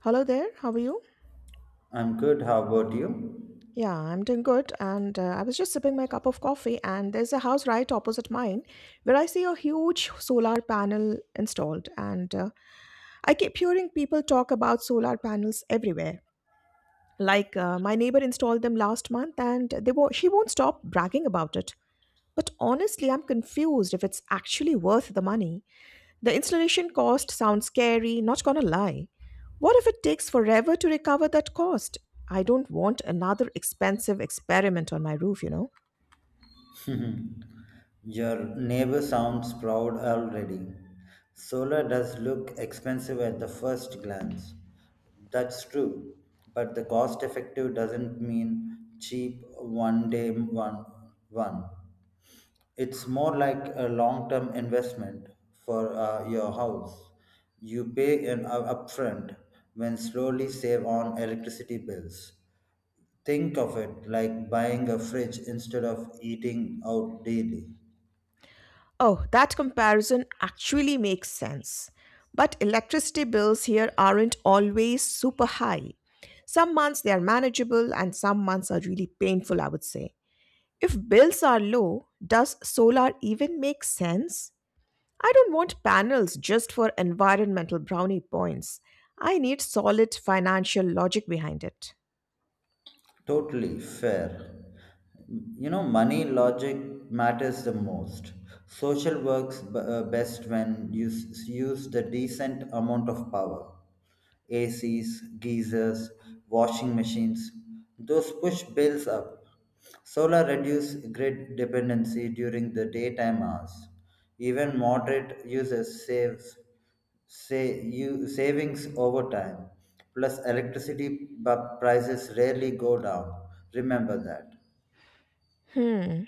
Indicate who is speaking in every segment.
Speaker 1: Hello there, how are you?
Speaker 2: I'm good. How about you?
Speaker 1: Yeah, I'm doing good. And I was just sipping my cup of coffee, and there's a house right opposite mine where I see a huge solar panel installed. And I keep hearing people talk about solar panels everywhere. My neighbor installed them last month, and she won't stop bragging about it. But honestly, I'm confused if it's actually worth the money. The installation cost sounds scary, not gonna lie. What if it takes forever to recover that cost? I don't want another expensive experiment on my roof.
Speaker 2: Your neighbor sounds proud already. Solar does look expensive at the first glance. That's true, but the cost effective doesn't mean cheap one day one. It's more like a long term investment for your house. You pay an upfront when slowly save on electricity bills. Think of it like buying a fridge instead of eating out daily.
Speaker 1: Oh, that comparison actually makes sense. But electricity bills here aren't always super high. Some months they are manageable and some months are really painful, I would say. If bills are low, does solar even make sense? I don't want panels just for environmental brownie points. I need solid financial logic behind it.
Speaker 2: Totally fair. You know, money logic matters the most. Social works best when you use the decent amount of power. ACs, geysers, washing machines, those push bills up. Solar reduce grid dependency during the daytime hours. Even moderate uses saves, say you savings over time, plus electricity, but prices rarely go down. Remember that.
Speaker 1: Hmm.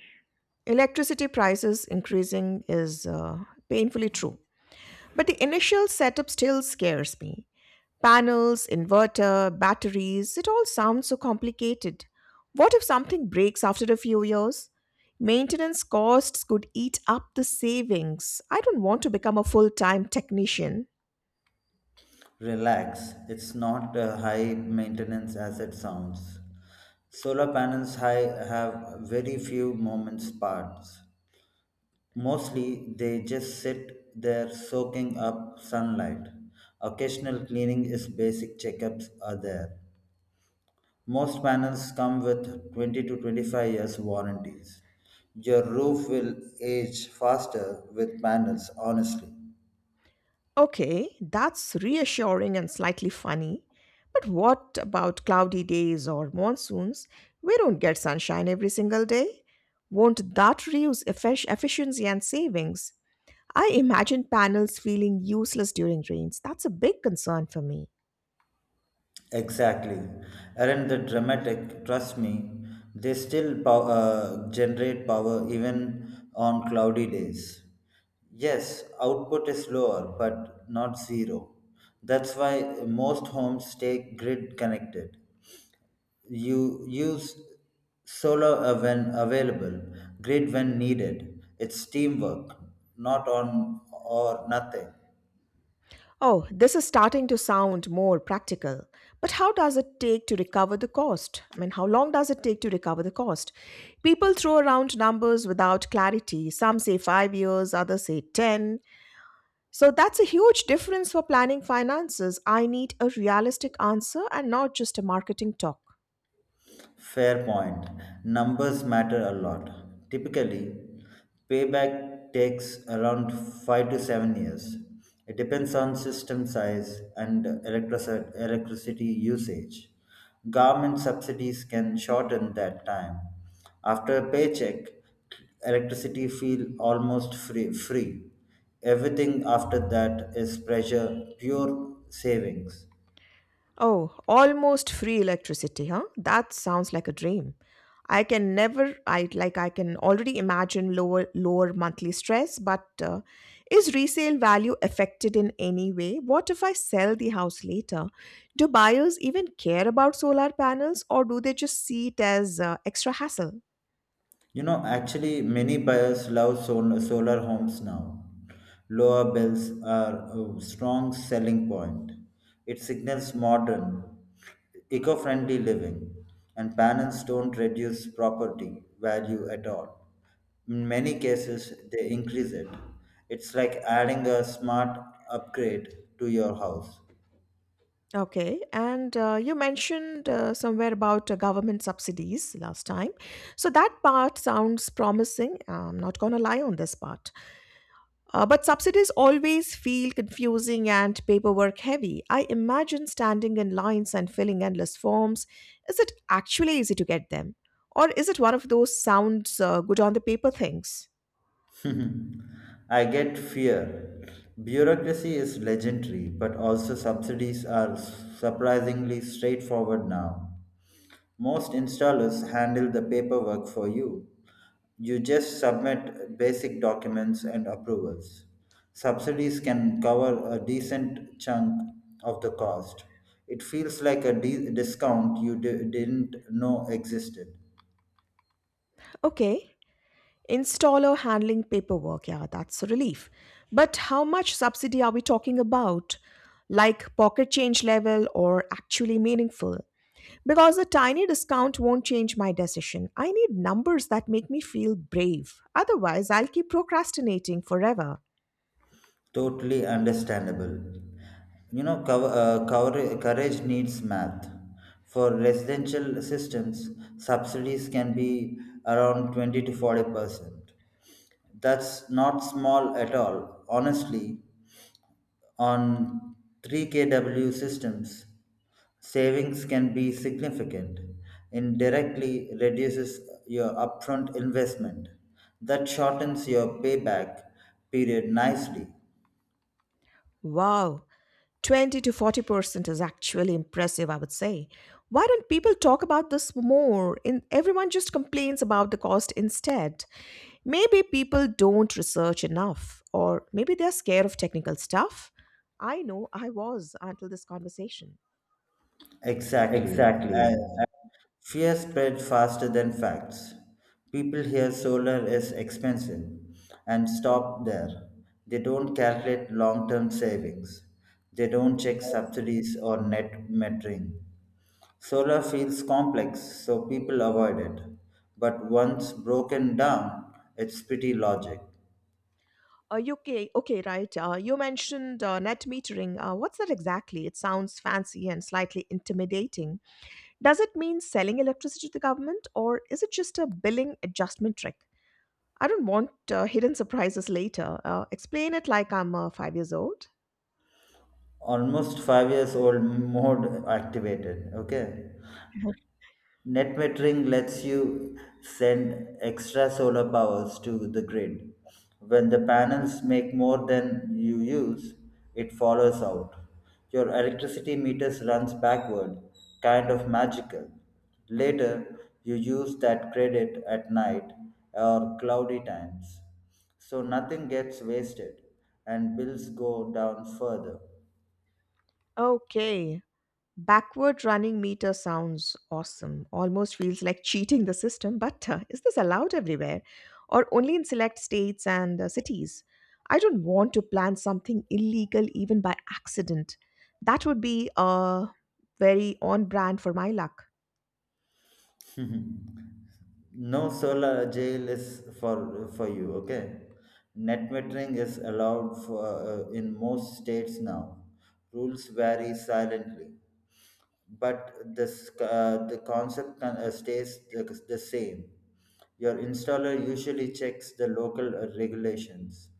Speaker 1: Electricity prices increasing is painfully true. But the initial setup still scares me. Panels, inverter, batteries, it all sounds so complicated. What if something breaks after a few years? Maintenance costs could eat up the savings. I don't want to become a full time technician.
Speaker 2: Relax, it's not a high maintenance as it sounds. Solar panels high have very few moments parts. Mostly, they just sit there soaking up sunlight. Occasional cleaning is basic, checkups are there. Most panels come with 20 to 25 years warranties. Your roof will age faster with panels, honestly.
Speaker 1: Okay, that's reassuring and slightly funny. But what about cloudy days or monsoons? We don't get sunshine every single day. Won't that reduce efficiency and savings? I imagine panels feeling useless during rains. That's a big concern for me.
Speaker 2: Exactly. Aren't they dramatic? Trust me, they still generate power even on cloudy days. Yes, output is lower, but not zero. That's why most homes stay grid connected. You use solar when available, grid when needed. It's teamwork, not on or nothing.
Speaker 1: Oh, this is starting to sound more practical. But how does it take to recover the cost? I mean, how long does it take to recover the cost? People throw around numbers without clarity. Some say 5 years, others say 10. So that's a huge difference for planning finances. I need a realistic answer and not just a marketing talk.
Speaker 2: Fair point. Numbers matter a lot. Typically, payback takes around 5 to 7 years. It depends on system size and electricity usage. Government subsidies can shorten that time. After a paycheck, electricity feel almost free, free. Everything after that is pressure, pure savings.
Speaker 1: Oh, almost free electricity, huh? That sounds like a dream. I can never I like I can already imagine lower monthly stress, but is resale value affected in any way? What if I sell the house later? Do buyers even care about solar panels or do they just see it as extra hassle?
Speaker 2: You know, actually, many buyers love solar homes now. Lower bells are a strong selling point. It signals modern, eco friendly living, and panels don't reduce property value at all. In many cases, they increase it. It's like adding a smart upgrade to your house.
Speaker 1: Okay, and you mentioned somewhere about government subsidies last time. So that part sounds promising. I'm not going to lie on this part. But subsidies always feel confusing and paperwork heavy. I imagine standing in lines and filling endless forms. Is it actually easy to get them? Or is it one of those sounds good on the paper things?
Speaker 2: I get fear. Bureaucracy is legendary, but also subsidies are surprisingly straightforward now. Most installers handle the paperwork for you. You just submit basic documents and approvals. Subsidies can cover a decent chunk of the cost. It feels like a discount you didn't know existed.
Speaker 1: Okay. Installer handling paperwork, yeah, that's a relief. But how much subsidy are we talking about? Like pocket change level or actually meaningful? Because a tiny discount won't change my decision. I need numbers that make me feel brave. Otherwise, I'll keep procrastinating forever.
Speaker 2: Totally understandable. You know, courage needs math. For residential systems, subsidies can be around 20 to 40%. That's not small at all. Honestly, on 3 kW systems, savings can be significant. Indirectly reduces your upfront investment. That shortens your payback period nicely.
Speaker 1: Wow, 20 to 40% is actually impressive, I would say. Why don't people talk about this more? In, everyone just complains about the cost instead. Maybe people don't research enough, or maybe they're scared of technical stuff. I know I was until this conversation.
Speaker 2: Exactly.
Speaker 1: Exactly.
Speaker 2: And fear spread faster than facts. People hear solar is expensive and stop there. They don't calculate long term savings. They don't check subsidies or net metering. Solar feels complex, so people avoid it. But once broken down, it's pretty logic.
Speaker 1: Okay, okay, right. You mentioned net metering. What's that exactly? It sounds fancy and slightly intimidating. Does it mean selling electricity to the government, or is it just a billing adjustment trick? I don't want hidden surprises later. Explain it like I'm 5 years old.
Speaker 2: Almost 5 years old mode activated. Okay. Net metering lets you send extra solar powers to the grid. When the panels make more than you use, it follows out. Your electricity meters runs backward, kind of magical. Later, you use that credit at night or cloudy times. So nothing gets wasted and bills go down further.
Speaker 1: Okay. Backward running meter sounds awesome. Almost feels like cheating the system, but is this allowed everywhere or only in select states and cities? I don't want to plan something illegal even by accident. That would be very on brand for my luck.
Speaker 2: No solar jail is for for you, okay. Net metering is allowed for in most states now. Rules vary silently, but this the concept stays the same. Your installer usually checks the local regulations.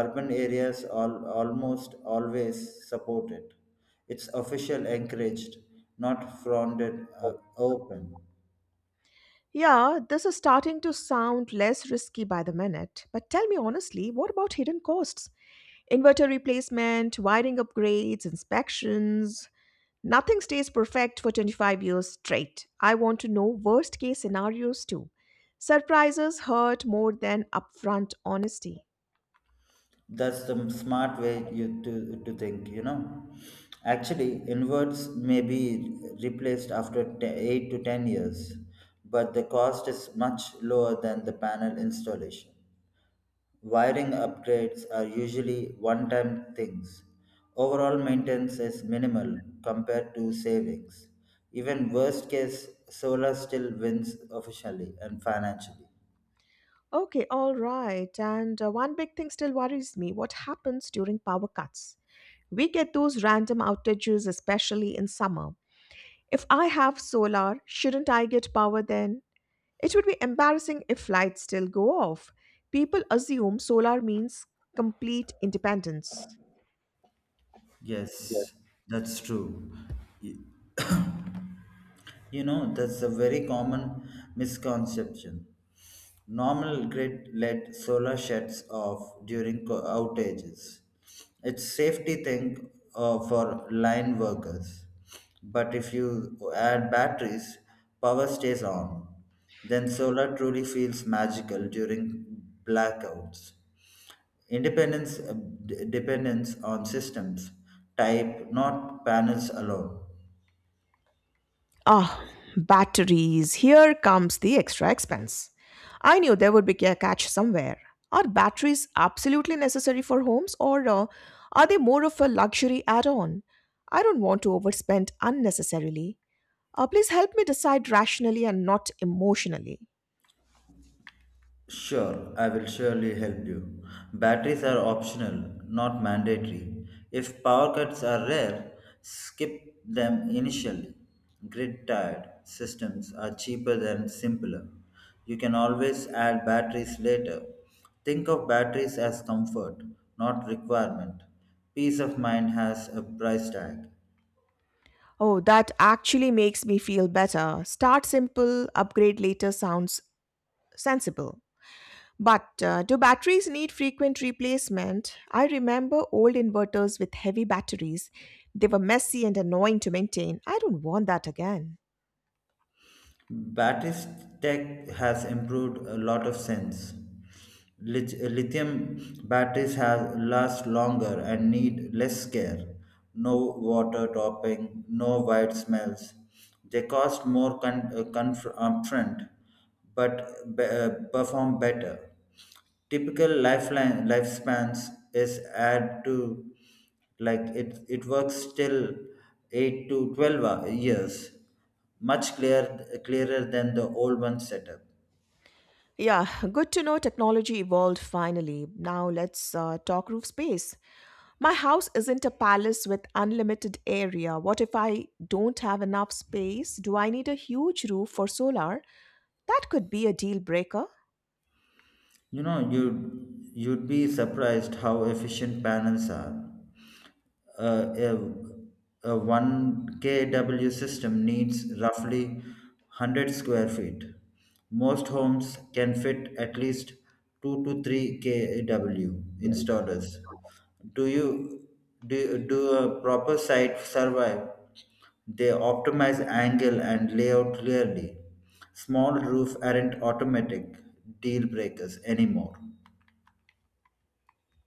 Speaker 2: Urban areas almost always support it. It's official encouraged, not frowned open.
Speaker 1: Yeah, this is starting to sound less risky by the minute. But tell me honestly, what about hidden costs? Inverter replacement, wiring upgrades, inspections. Nothing stays perfect for 25 years straight. I want to know worst case scenarios too. Surprises hurt more than upfront honesty.
Speaker 2: That's the smart way you to think, you know. Actually, inverts may be replaced after 8 to 10 years, but the cost is much lower than the panel installation. Wiring upgrades are usually one time things. Overall maintenance is minimal compared to savings. Even worst case, solar still wins officially and financially.
Speaker 1: Okay, all right. And one big thing still worries me, what happens during power cuts? We get those random outages, especially in summer. If I have solar, shouldn't I get power then? It would be embarrassing if lights still go off. People assume solar means complete independence.
Speaker 2: Yes, that's true. Y- You know, that's a very common misconception. Normal grid led solar shuts off during outages. It's safety thing for line workers. But if you add batteries, power stays on. Then solar truly feels magical during blackouts. Independence depends on systems, type, not panels alone.
Speaker 1: Ah, batteries. Here comes the extra expense. I knew there would be a catch somewhere. Are batteries absolutely necessary for homes or are they more of a luxury add on? I don't want to overspend unnecessarily. Please help me decide rationally and not emotionally.
Speaker 2: Sure, I will surely help you. Batteries are optional, not mandatory. If power cuts are rare, skip them initially. Grid tied systems are cheaper than simpler. You can always add batteries later. Think of batteries as comfort, not requirement. Peace of mind has a price tag.
Speaker 1: Oh, that actually makes me feel better. Start simple, upgrade later sounds sensible. But do batteries need frequent replacement? I remember old inverters with heavy batteries. They were messy and annoying to maintain. I don't want that again.
Speaker 2: Batteries tech has improved a lot of sense. Lithium batteries have last longer and need less care. No water topping, no white smells. They cost more upfront, but perform better. Typical lifeline lifespans is add to, like, it works till 8 to 12 years, much clearer than the old one setup.
Speaker 1: Yeah, good to know technology evolved finally. Now let's talk roof space. My house isn't a palace with unlimited area. What if I don't have enough space? Do I need a huge roof for solar? That could be a deal breaker.
Speaker 2: You know, you'd be surprised how efficient panels are uh, a, a 1 kW system needs roughly 100 square feet. Most homes can fit at least 2 to 3 kW installers. Do you do a proper site survive? They optimize angle and layout clearly. Small roof aren't automatic deal breakers anymore.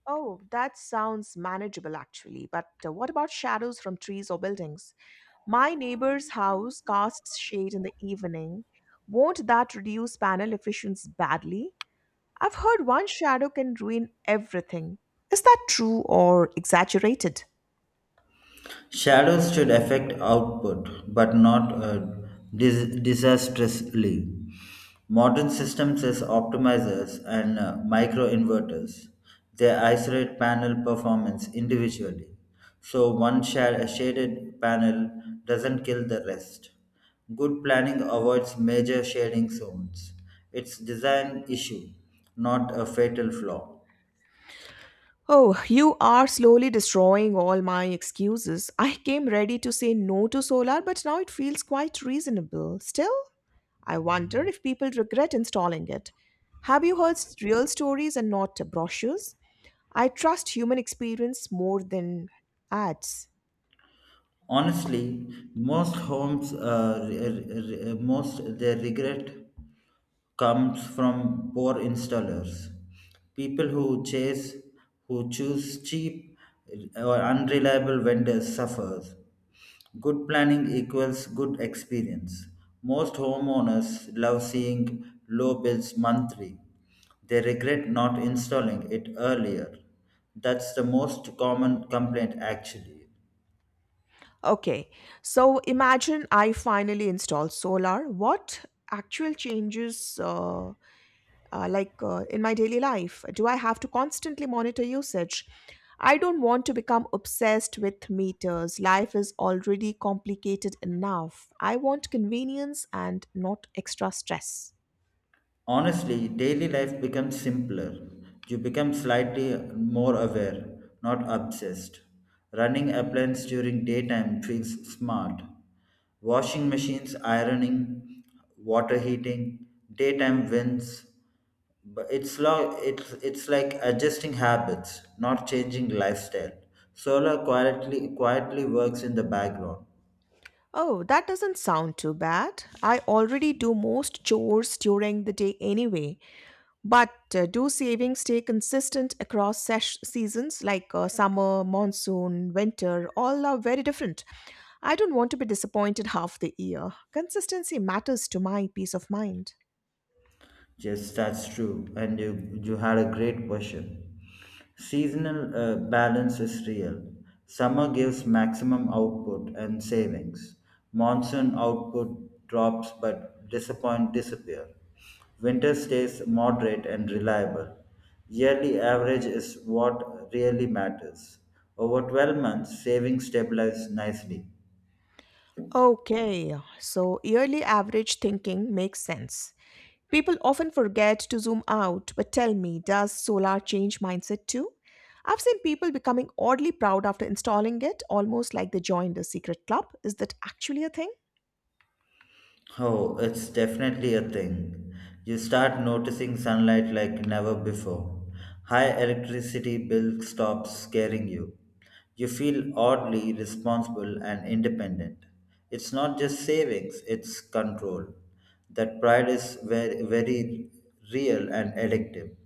Speaker 1: Oh, that sounds manageable actually. But what about shadows from trees or buildings? My neighbor's house casts shade in the evening. Won't that reduce panel efficiency badly? I've heard one shadow can ruin everything. Is that true or exaggerated?
Speaker 2: Shadows should affect output, but not disastrously. Modern systems use optimizers and microinverters, they isolate panel performance individually. So one shaded panel doesn't kill the rest. Good planning avoids major shading zones. It's design issue, not a fatal flaw.
Speaker 1: Oh, you are slowly destroying all my excuses. I came ready to say no to solar, but now it feels quite reasonable. Still, I wonder if people regret installing it. Have you heard real stories and not brochures? I trust human experience more than ads.
Speaker 2: Honestly, most homes, most their regret comes from poor installers, people who choose cheap or unreliable vendors suffers. Good planning equals good experience. Most homeowners love seeing low bills monthly. They regret not installing it earlier. That's the most common complaint actually.
Speaker 1: Okay, so imagine I finally install solar. What actual changes, in my daily life? Do I have to constantly monitor usage? I don't want to become obsessed with meters. Life is already complicated enough. I want convenience and not extra stress.
Speaker 2: Honestly, daily life becomes simpler. You become slightly more aware, not obsessed. Running appliances during daytime feels smart. Washing machines, ironing, water heating, daytime wins. But it's lo- it's like adjusting habits, not changing lifestyle. Solar quietly works in the background.
Speaker 1: Oh, that doesn't sound too bad. I already do most chores during the day anyway. But do savings stay consistent across seasons like summer, monsoon, winter? All are very different. I don't want to be disappointed half the year. Consistency matters to my peace of mind.
Speaker 2: Yes, that's true. And you had a great question. Seasonal balance is real. Summer gives maximum output and savings. Monsoon output drops but disappoint disappear. Winter stays moderate and reliable. Yearly average is what really matters. Over 12 months, savings stabilize nicely.
Speaker 1: Okay, so yearly average thinking makes sense. People often forget to zoom out, but tell me, does solar change mindset too? I've seen people becoming oddly proud after installing it, almost like they joined a secret club. Is that actually a thing?
Speaker 2: Oh, it's definitely a thing. You start noticing sunlight like never before. High electricity bill stops scaring you. You feel oddly responsible and independent. It's not just savings, it's control. That pride is very, very real and addictive.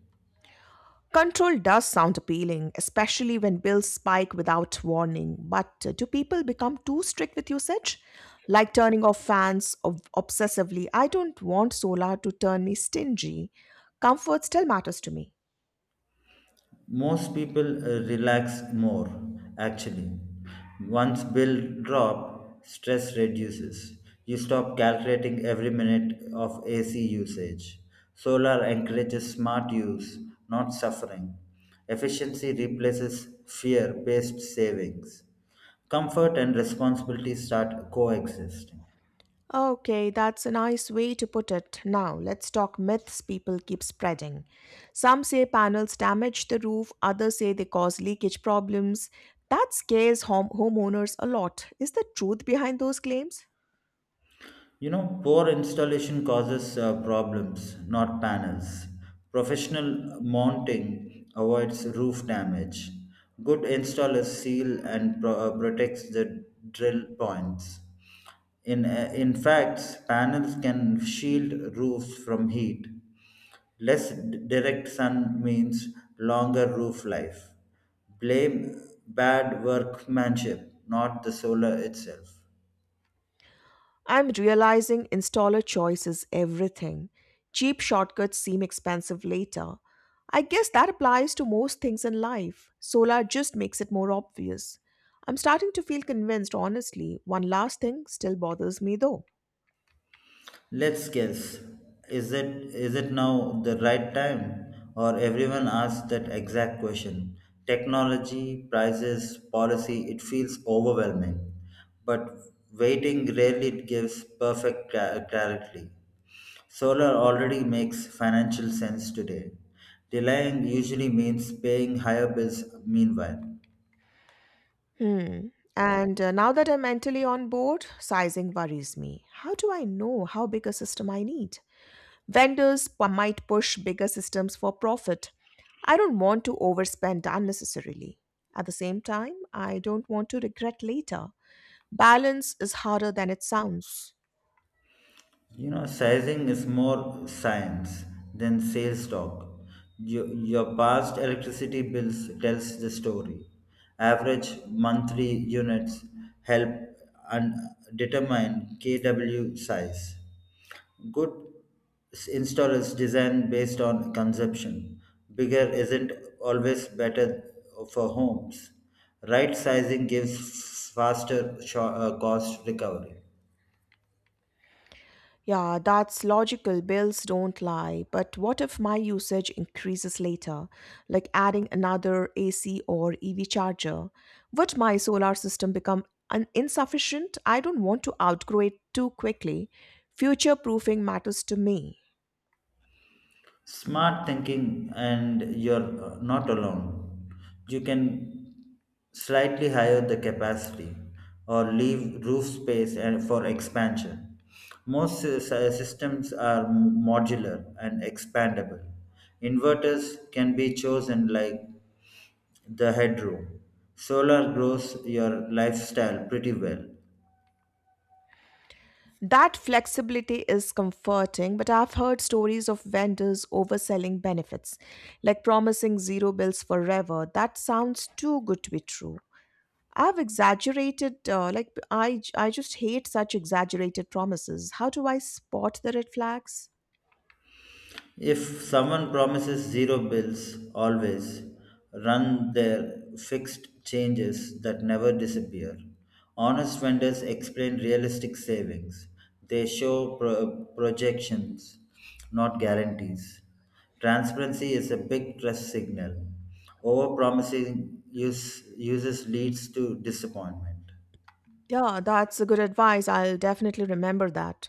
Speaker 1: Control does sound appealing, especially when bills spike without warning. But do people become too strict with usage? Like turning off fans obsessively. I don't want solar to turn me stingy. Comfort still matters to me.
Speaker 2: Most people relax more actually. Once bill drop, stress reduces. You stop calculating every minute of AC usage. Solar encourages smart use, not suffering. Efficiency replaces fear based savings. Comfort and responsibility start coexisting.
Speaker 1: Okay, that's a nice way to put it. Now, let's talk myths people keep spreading. Some say panels damage the roof, others say they cause leakage problems. That scares homeowners a lot. Is the truth behind those claims?
Speaker 2: You know, poor installation causes problems, not panels. Professional mounting avoids roof damage. Good installers seal and protects the drill points. In fact, panels can shield roofs from heat. Less direct sun means longer roof life. Blame bad workmanship, not the solar itself.
Speaker 1: I'm realizing installer choice is everything. Cheap shortcuts seem expensive later. I guess that applies to most things in life. Solar just makes it more obvious. I'm starting to feel convinced, honestly. One last thing still bothers me though.
Speaker 2: Let's guess. Is it is it now the right time? Or everyone asks that exact question. Technology, prices, policy, it feels overwhelming. But waiting rarely gives perfect clarity. Solar already makes financial sense today. Delaying usually means paying higher bills meanwhile.
Speaker 1: Hmm. And now that I'm mentally on board, sizing worries me. How do I know how big a system I need? Might push bigger systems for profit. I don't want to overspend unnecessarily. At the same time, I don't want to regret later. Balance is harder than it sounds.
Speaker 2: You know, sizing is more science than sales talk. Your past electricity bills tells the story. Average monthly units help and determine kW size. Good installers design based on consumption. Bigger isn't always better for homes. Right sizing gives faster cost recovery.
Speaker 1: Yeah, that's logical. Bills don't lie. But what if my usage increases later, like adding another AC or EV charger? Would my solar system become insufficient? I don't want to outgrow it too quickly. Future proofing matters to me.
Speaker 2: Smart thinking, and you're not alone. You can slightly higher the capacity or leave roof space and for expansion. Most systems are modular and expandable. Inverters can be chosen like the headroom. Solar grows your lifestyle pretty well.
Speaker 1: That flexibility is comforting, but I've heard stories of vendors overselling benefits, like promising zero bills forever. That sounds too good to be true. I've exaggerated, like, I just hate such exaggerated promises. How do I spot the red flags?
Speaker 2: If someone promises zero bills, always run their fixed changes that never disappear. Honest vendors explain realistic savings. They show projections, not guarantees. Transparency is a big trust signal. Overpromising uses leads to disappointment.
Speaker 1: Yeah, that's a good advice. I'll definitely remember that.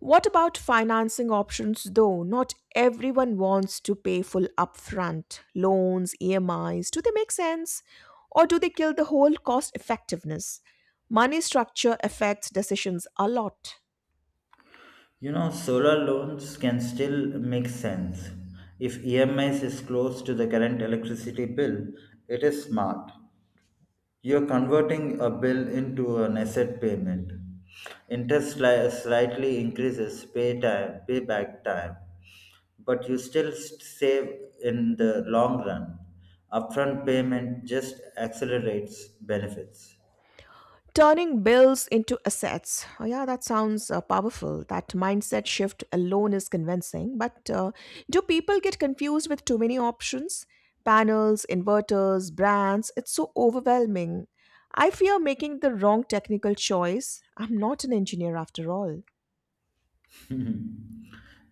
Speaker 1: What about financing options though? Not everyone wants to pay full upfront. Loans, EMIs, do they make sense? Or do they kill the whole cost effectiveness? Money structure affects decisions a lot.
Speaker 2: You know, solar loans can still make sense. If EMIs is close to the current electricity bill, it is smart. You're converting a bill into an asset payment. Interest slightly increases payback time, but you still save in the long run. Upfront payment just accelerates benefits.
Speaker 1: Turning bills into assets. Oh, yeah, that sounds powerful. That mindset shift alone is convincing. But do people get confused with too many options? Panels, inverters, brands. It's so overwhelming. I fear making the wrong technical choice. I'm not an engineer after all.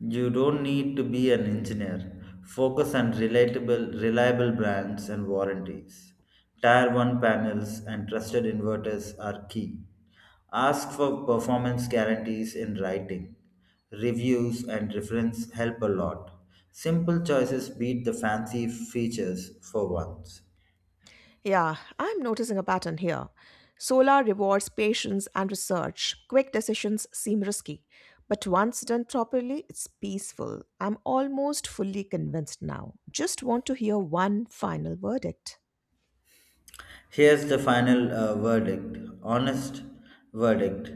Speaker 2: You don't need to be an engineer. Focus on relatable, reliable brands and warranties. Tier 1 panels and trusted inverters are key. Ask for performance guarantees in writing. Reviews and reference help a lot. Simple choices beat the fancy features for once.
Speaker 1: Yeah, I'm noticing a pattern here. Solar rewards patience and research. Quick decisions seem risky, but once done properly, it's peaceful. I'm almost fully convinced now. Just want to hear one final verdict.
Speaker 2: Here's the final verdict honest verdict.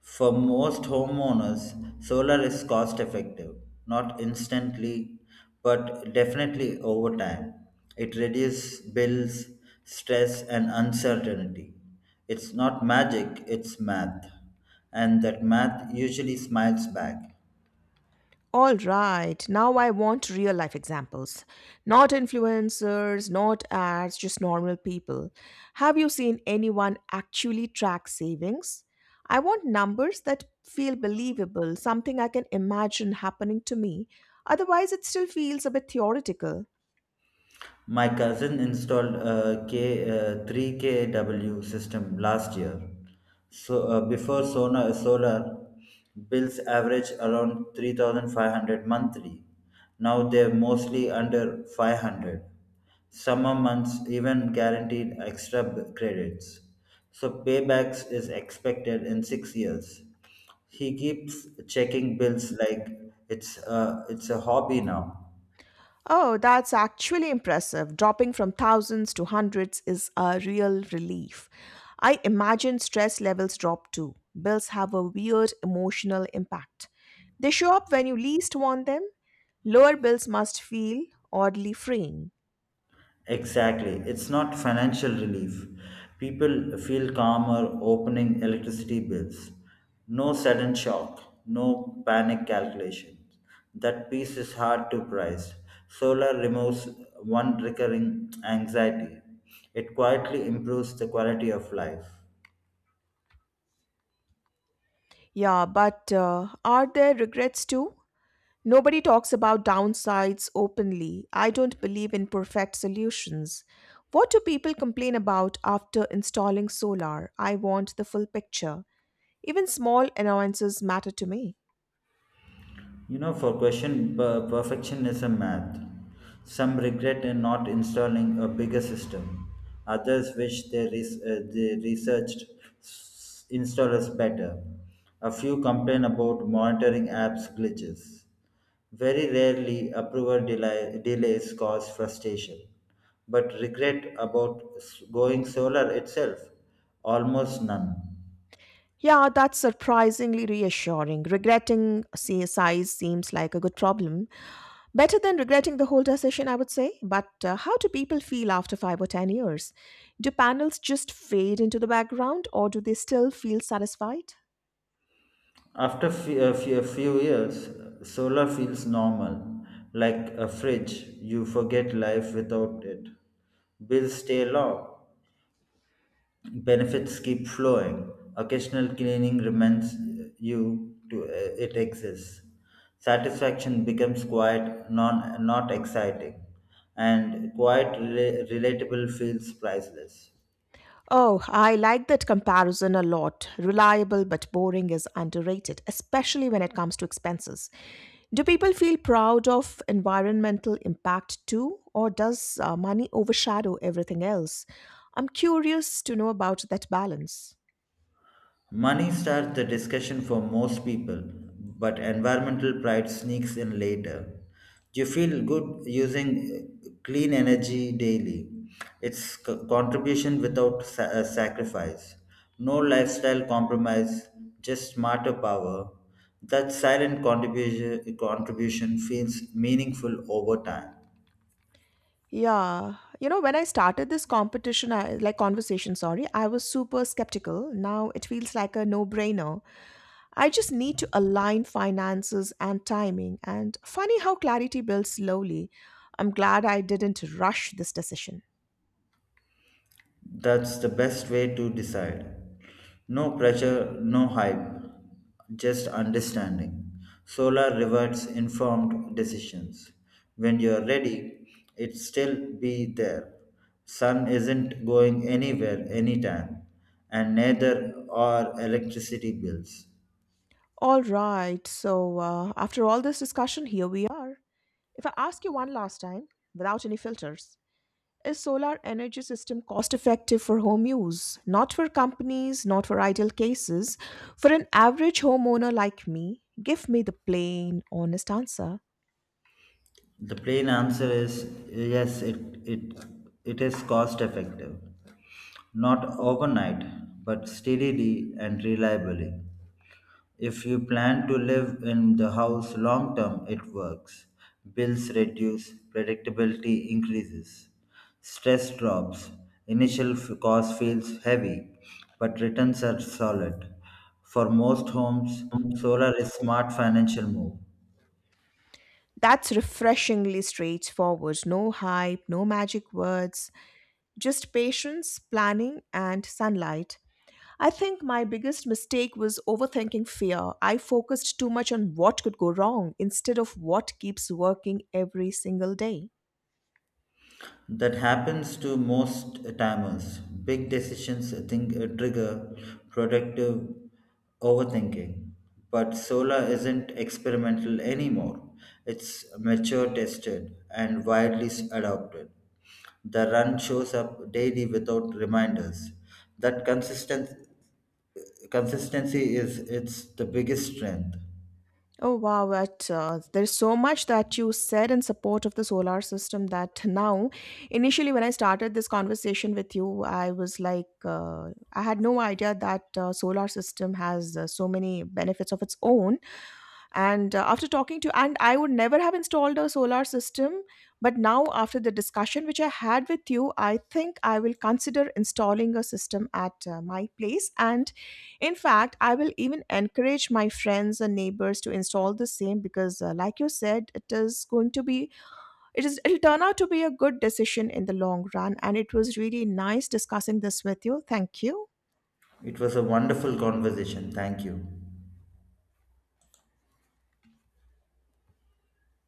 Speaker 2: For most homeowners, solar is cost effective, not instantly, but definitely over time. It reduces bills, stress, and uncertainty. It's not magic, it's math. And that math usually smiles back.
Speaker 1: All right, now I want real life examples. Not influencers, not ads, just normal people. Have you seen anyone actually track savings? I want numbers that feel believable, something I can imagine happening to me. Otherwise, it still feels a bit theoretical.
Speaker 2: My cousin installed a 3 kW system last year. So before solar bills average around 3,500 monthly. Now they're mostly under 500. Summer months even guaranteed extra credits. So paybacks is expected in 6 years. He keeps checking bills like it's a hobby now.
Speaker 1: Oh, that's actually impressive. Dropping from thousands to hundreds is a real relief. I imagine stress levels drop too. Bills have a weird emotional impact. They show up when you least want them. Lower bills must feel oddly freeing.
Speaker 2: Exactly. It's not financial relief. People feel calmer opening electricity bills. No sudden shock, no panic calculations. That piece is hard to price. Solar removes one recurring anxiety. It quietly improves the quality of life.
Speaker 1: Yeah, but are there regrets too? Nobody talks about downsides openly. I don't believe in perfect solutions. What do people complain about after installing solar? I want the full picture. Even small annoyances matter to me.
Speaker 2: You know, for question perfectionism math, some regret in not installing a bigger system. Others wish they researched installers better. A few complain about monitoring apps glitches. Very rarely, approval delays cause frustration, but regret about going solar itself, almost none.
Speaker 1: Yeah, that's surprisingly reassuring. Regretting say, size seems like a good problem. Better than regretting the whole decision, I would say. But how do people feel after 5 or 10 years? Do panels just fade into the background or do they still feel satisfied?
Speaker 2: After a few years, solar feels normal. Like a fridge, you forget life without it. Bills stay low, benefits keep flowing. Occasional cleaning reminds you to it exists. Satisfaction becomes quiet, not exciting, and relatable feels priceless.
Speaker 1: Oh, I like that comparison a lot. Reliable but boring is underrated, especially when it comes to expenses. Do people feel proud of environmental impact too, or does money overshadow everything else? I'm curious to know about that balance.
Speaker 2: Money starts the discussion for most people, but environmental pride sneaks in later. You feel good using clean energy daily. It's contribution without sacrifice. No lifestyle compromise, just smarter power. That silent contribution feels meaningful over time.
Speaker 1: Yeah, you know, when I started this competition, I, like conversation, sorry, I was super skeptical. Now it feels like a no brainer. I just need to align finances and timing. And funny how clarity builds slowly. I'm glad I didn't rush this decision.
Speaker 2: That's the best way to decide. No pressure, no hype, just understanding. Solar rewards informed decisions. When you're ready, it still be there. Sun isn't going anywhere anytime, and neither are electricity bills.
Speaker 1: All right, so after all this discussion, here we are. If I ask you one last time, without any filters, is solar energy system cost effective for home use? Not for companies, not for ideal cases. For an average homeowner like me, give me the plain, honest answer.
Speaker 2: The plain answer is yes, it is cost effective. Not overnight, but steadily and reliably. If you plan to live in the house long term, it works. Bills reduce, predictability increases, stress drops, initial cost feels heavy, but returns are solid. For most homes, solar is smart financial move.
Speaker 1: That's refreshingly straightforward. No hype, no magic words, just patience, planning, and sunlight. I think my biggest mistake was overthinking fear. I focused too much on what could go wrong instead of what keeps working every single day.
Speaker 2: That happens to most timers. Big decisions think trigger productive overthinking. But solar isn't experimental anymore. It's mature tested and widely adopted. The run shows up daily without reminders. That consistent consistency is it's the biggest strength.
Speaker 1: Oh wow, that, there's so much that you said in support of the solar system that now, initially when I started this conversation with you, I was like, I had no idea that solar system has so many benefits of its own, and after talking to, and I would never have installed a solar system, but now after the discussion which I had with you, I think I will consider installing a system at my place. And in fact, I will even encourage my friends and neighbors to install the same, because like you said, it is going to be, it'll turn out to be a good decision in the long run. And it was really nice discussing this with you. Thank you.
Speaker 2: It was a wonderful conversation. Thank you.